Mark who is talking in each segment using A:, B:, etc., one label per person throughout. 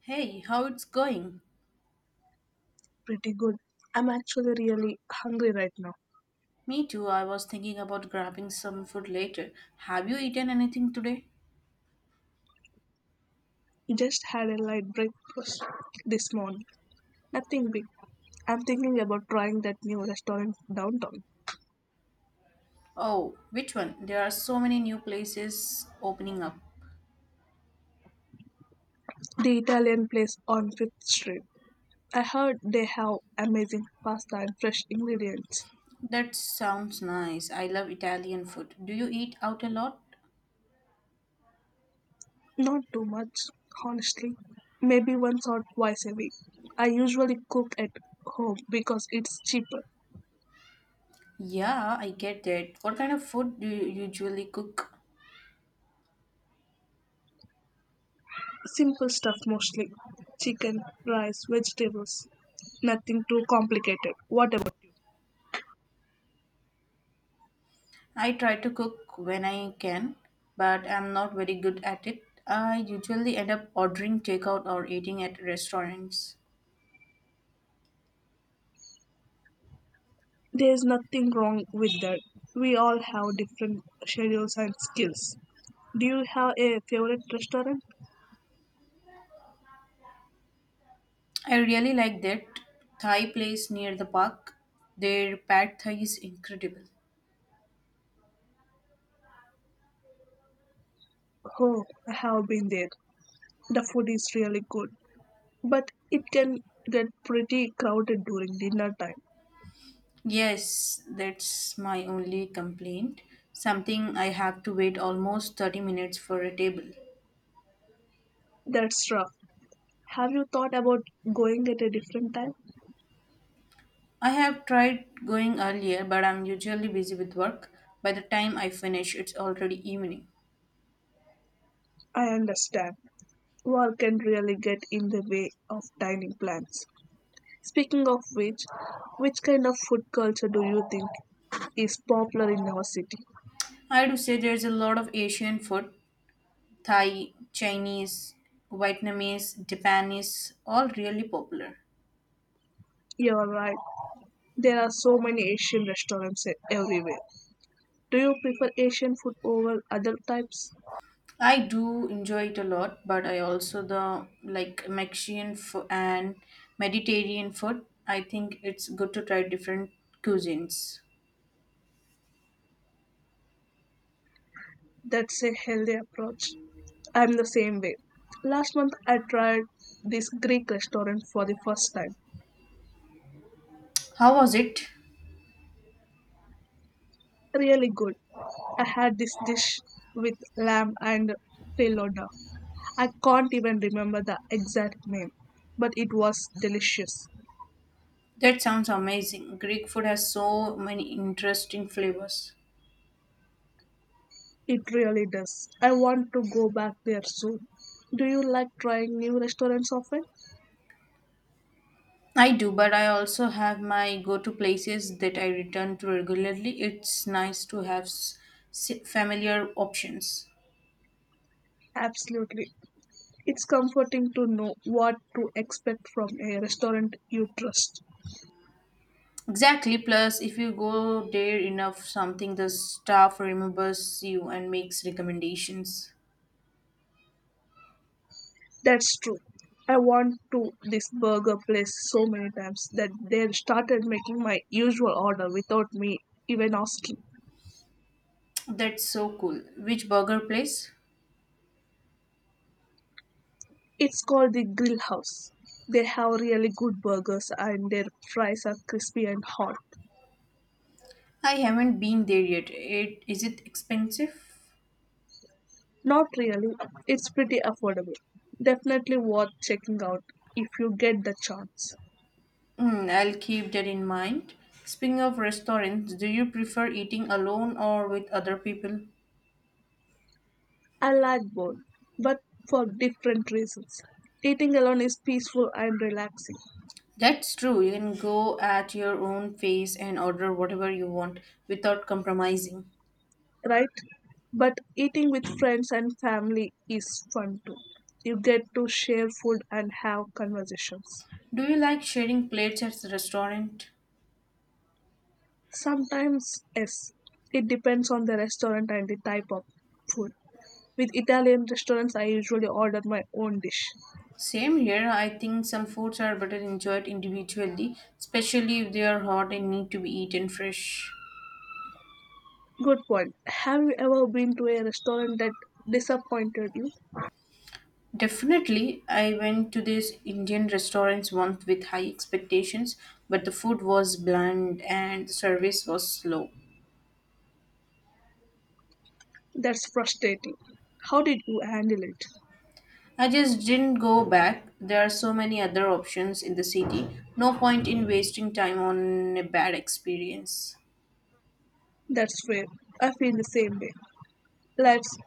A: Hey, how it's going?
B: Pretty good. I'm actually really hungry right now.
A: Me too. I was thinking about grabbing some food later. Have you eaten anything today?
B: Just had a light breakfast this morning. Nothing big. I'm thinking about trying that new restaurant downtown,
A: Oh, which one? There are so many new places opening up.
B: the Italian place on Fifth Street. I heard they have amazing pasta and fresh ingredients.
A: That sounds nice. I love Italian food. Do you eat out a lot?
B: Not too much, honestly. Maybe once or twice a week. I usually cook at home because it's cheaper.
A: Yeah, I get that. What kind of food do you usually cook?
B: Simple stuff mostly chicken, rice, vegetables. Nothing too complicated. What about you?
A: I try to cook when I can, but I'm not very good at it. I usually end up ordering takeout or eating at restaurants.
B: There is nothing wrong with that. We all have different schedules and skills. Do you have a favorite restaurant?
A: I really like that Thai place near the park. Their pad thai is incredible.
B: Oh, I have been there. The food is really good, but it can get pretty crowded during dinner time.
A: Yes, that's my only complaint. Something I have to wait almost 30 minutes for a table.
B: That's rough. Have you thought about going at a different time?
A: I have tried going earlier, but I'm usually busy with work. By the time I finish, it's already evening.
B: I understand. Work can really get in the way of dining plans. Speaking of which kind of food culture do you think is popular in your city?
A: I do say there's a lot of Asian food, Thai, Chinese, Vietnamese, Japanese, all really popular.
B: You're right. There are so many Asian restaurants everywhere. Do you prefer Asian food over other types?
A: I do enjoy it a lot, but I also the like Mexican food and Mediterranean food. I think it's good to try different cuisines.
B: That's a healthy approach. I'm the same way. Last month I tried this Greek restaurant for the first time.
A: How was it?
B: Really good. I had this dish with lamb and pelada. I can't even remember the exact name, but it was delicious.
A: That sounds amazing. Greek food has so many interesting flavors.
B: It really does. I want to go back there soon. Do you like trying new restaurants often?
A: I do, but I also have my go-to places that I return to regularly. It's nice to have familiar options.
B: Absolutely. It's comforting to know what to expect from a restaurant you trust.
A: Exactly. Plus, if you go there enough, something the staff remembers you and makes recommendations.
B: That's true. I want to this burger place so many times that they started making my usual order without me even asking.
A: That's so cool. Which burger place?
B: It's called the Grill House. They have really good burgers and their fries are crispy and hot.
A: I haven't been there yet. It is it expensive?
B: Not really. It's pretty affordable. Definitely worth checking out if you get the chance.
A: Hmm, I'll keep that in mind. Speaking of restaurants, do you prefer eating alone or with other people?
B: I like both, but for different reasons. Eating alone is peaceful and relaxing,
A: That's true. You can go at your own pace and order whatever you want without compromising.
B: right? But eating with friends and family is fun too. You get to share food and have conversations.
A: Do you like sharing plates at the restaurant?
B: Sometimes, yes, it depends on the restaurant and the type of food. With Italian restaurants, I usually order my own dish.
A: Same here. I think some foods are better enjoyed individually, especially if they are hot and need to be eaten fresh.
B: Good point. Have you ever been to a restaurant that disappointed you?
A: Definitely, I went to this Indian restaurant once with high expectations, but the food was bland and the service was slow.
B: That's frustrating. How did you handle it?
A: I just didn't go back. There are so many other options in the city. No point in wasting time on a bad experience.
B: That's fair. I feel the same way. Life's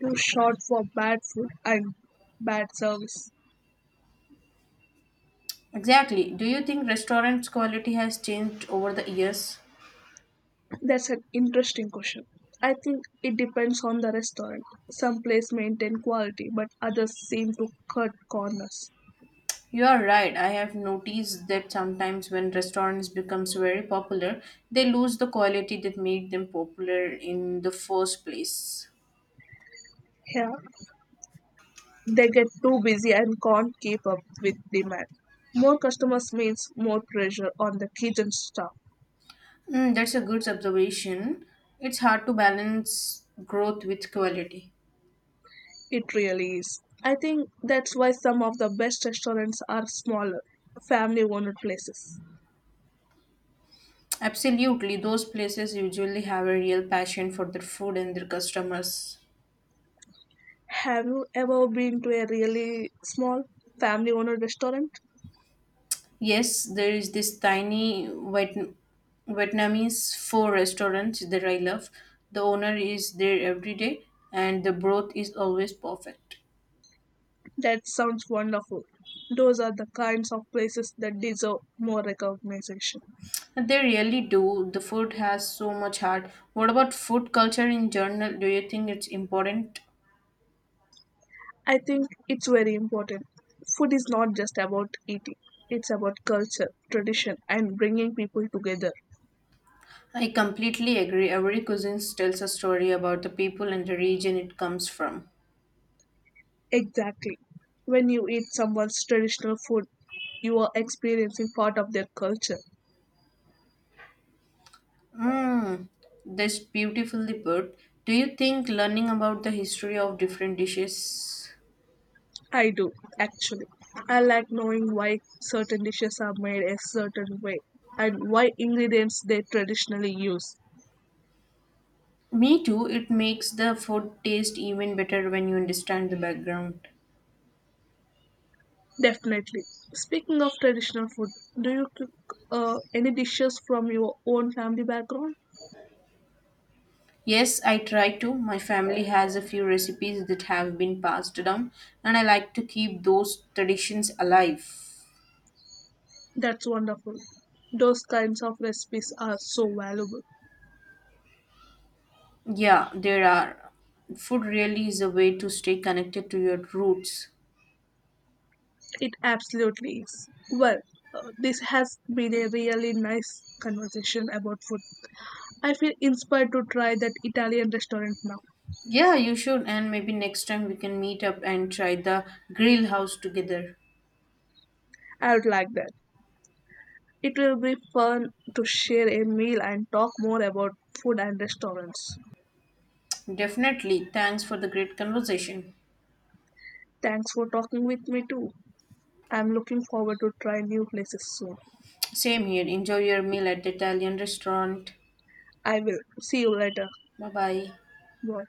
B: too short for bad food and bad service.
A: Exactly. Do you think restaurants' quality has changed over the years?
B: That's an interesting question. I think it depends on the restaurant. Some places maintain quality, but others seem to cut corners.
A: You are right. I have noticed that sometimes when restaurants becomes very popular, they lose the quality that made them popular in the first place.
B: Yeah, they get too busy and can't keep up with demand. More customers means more pressure on the kitchen staff.
A: Mm, that's a good observation. It's hard to balance growth with quality.
B: It really is. I think that's why some of the best restaurants are smaller, family owned places.
A: Absolutely, those places usually have a real passion for their food and their customers.
B: Have you ever been to a really small family owned restaurant?
A: Yes, there is this tiny Vietnamese pho restaurant that I love. The owner is there every day and the broth is always perfect.
B: That sounds wonderful. Those are the kinds of places that deserve more recognition.
A: And they really do. The food has so much heart. What about food culture in general? Do you think it's important?
B: I think it's very important. Food is not just about eating, it's about culture, tradition, and bringing people together.
A: I completely agree. Every cuisine tells a story about the people and the region it comes from.
B: Exactly. When you eat someone's traditional food, you are experiencing part of their culture.
A: Mm, this beautifully put. Do you think learning about the history of different dishes?
B: I do, actually. I like knowing why certain dishes are made a certain way and why ingredients they traditionally use.
A: Me too, it makes the food taste even better when you understand the background.
B: Definitely. Speaking of traditional food, do you cook any dishes from your own family background?
A: Yes, I try to. My family has a few recipes that have been passed down, and I like to keep those traditions alive.
B: That's wonderful. Those kinds of recipes are so valuable.
A: Yeah, there are. Food really is a way to stay connected to your roots.
B: It absolutely is. Well, this has been a really nice conversation about food. I feel inspired to try that Italian restaurant now.
A: Yeah, you should, and maybe next time we can meet up and try the Grill House together.
B: I would like that. It will be fun to share a meal and talk more about food and restaurants.
A: Definitely. Thanks for the great conversation.
B: Thanks for talking with me too. I'm looking forward to try new places soon.
A: Same here. Enjoy your meal at the Italian restaurant.
B: I will. See you later.
A: Bye bye.
B: Boy,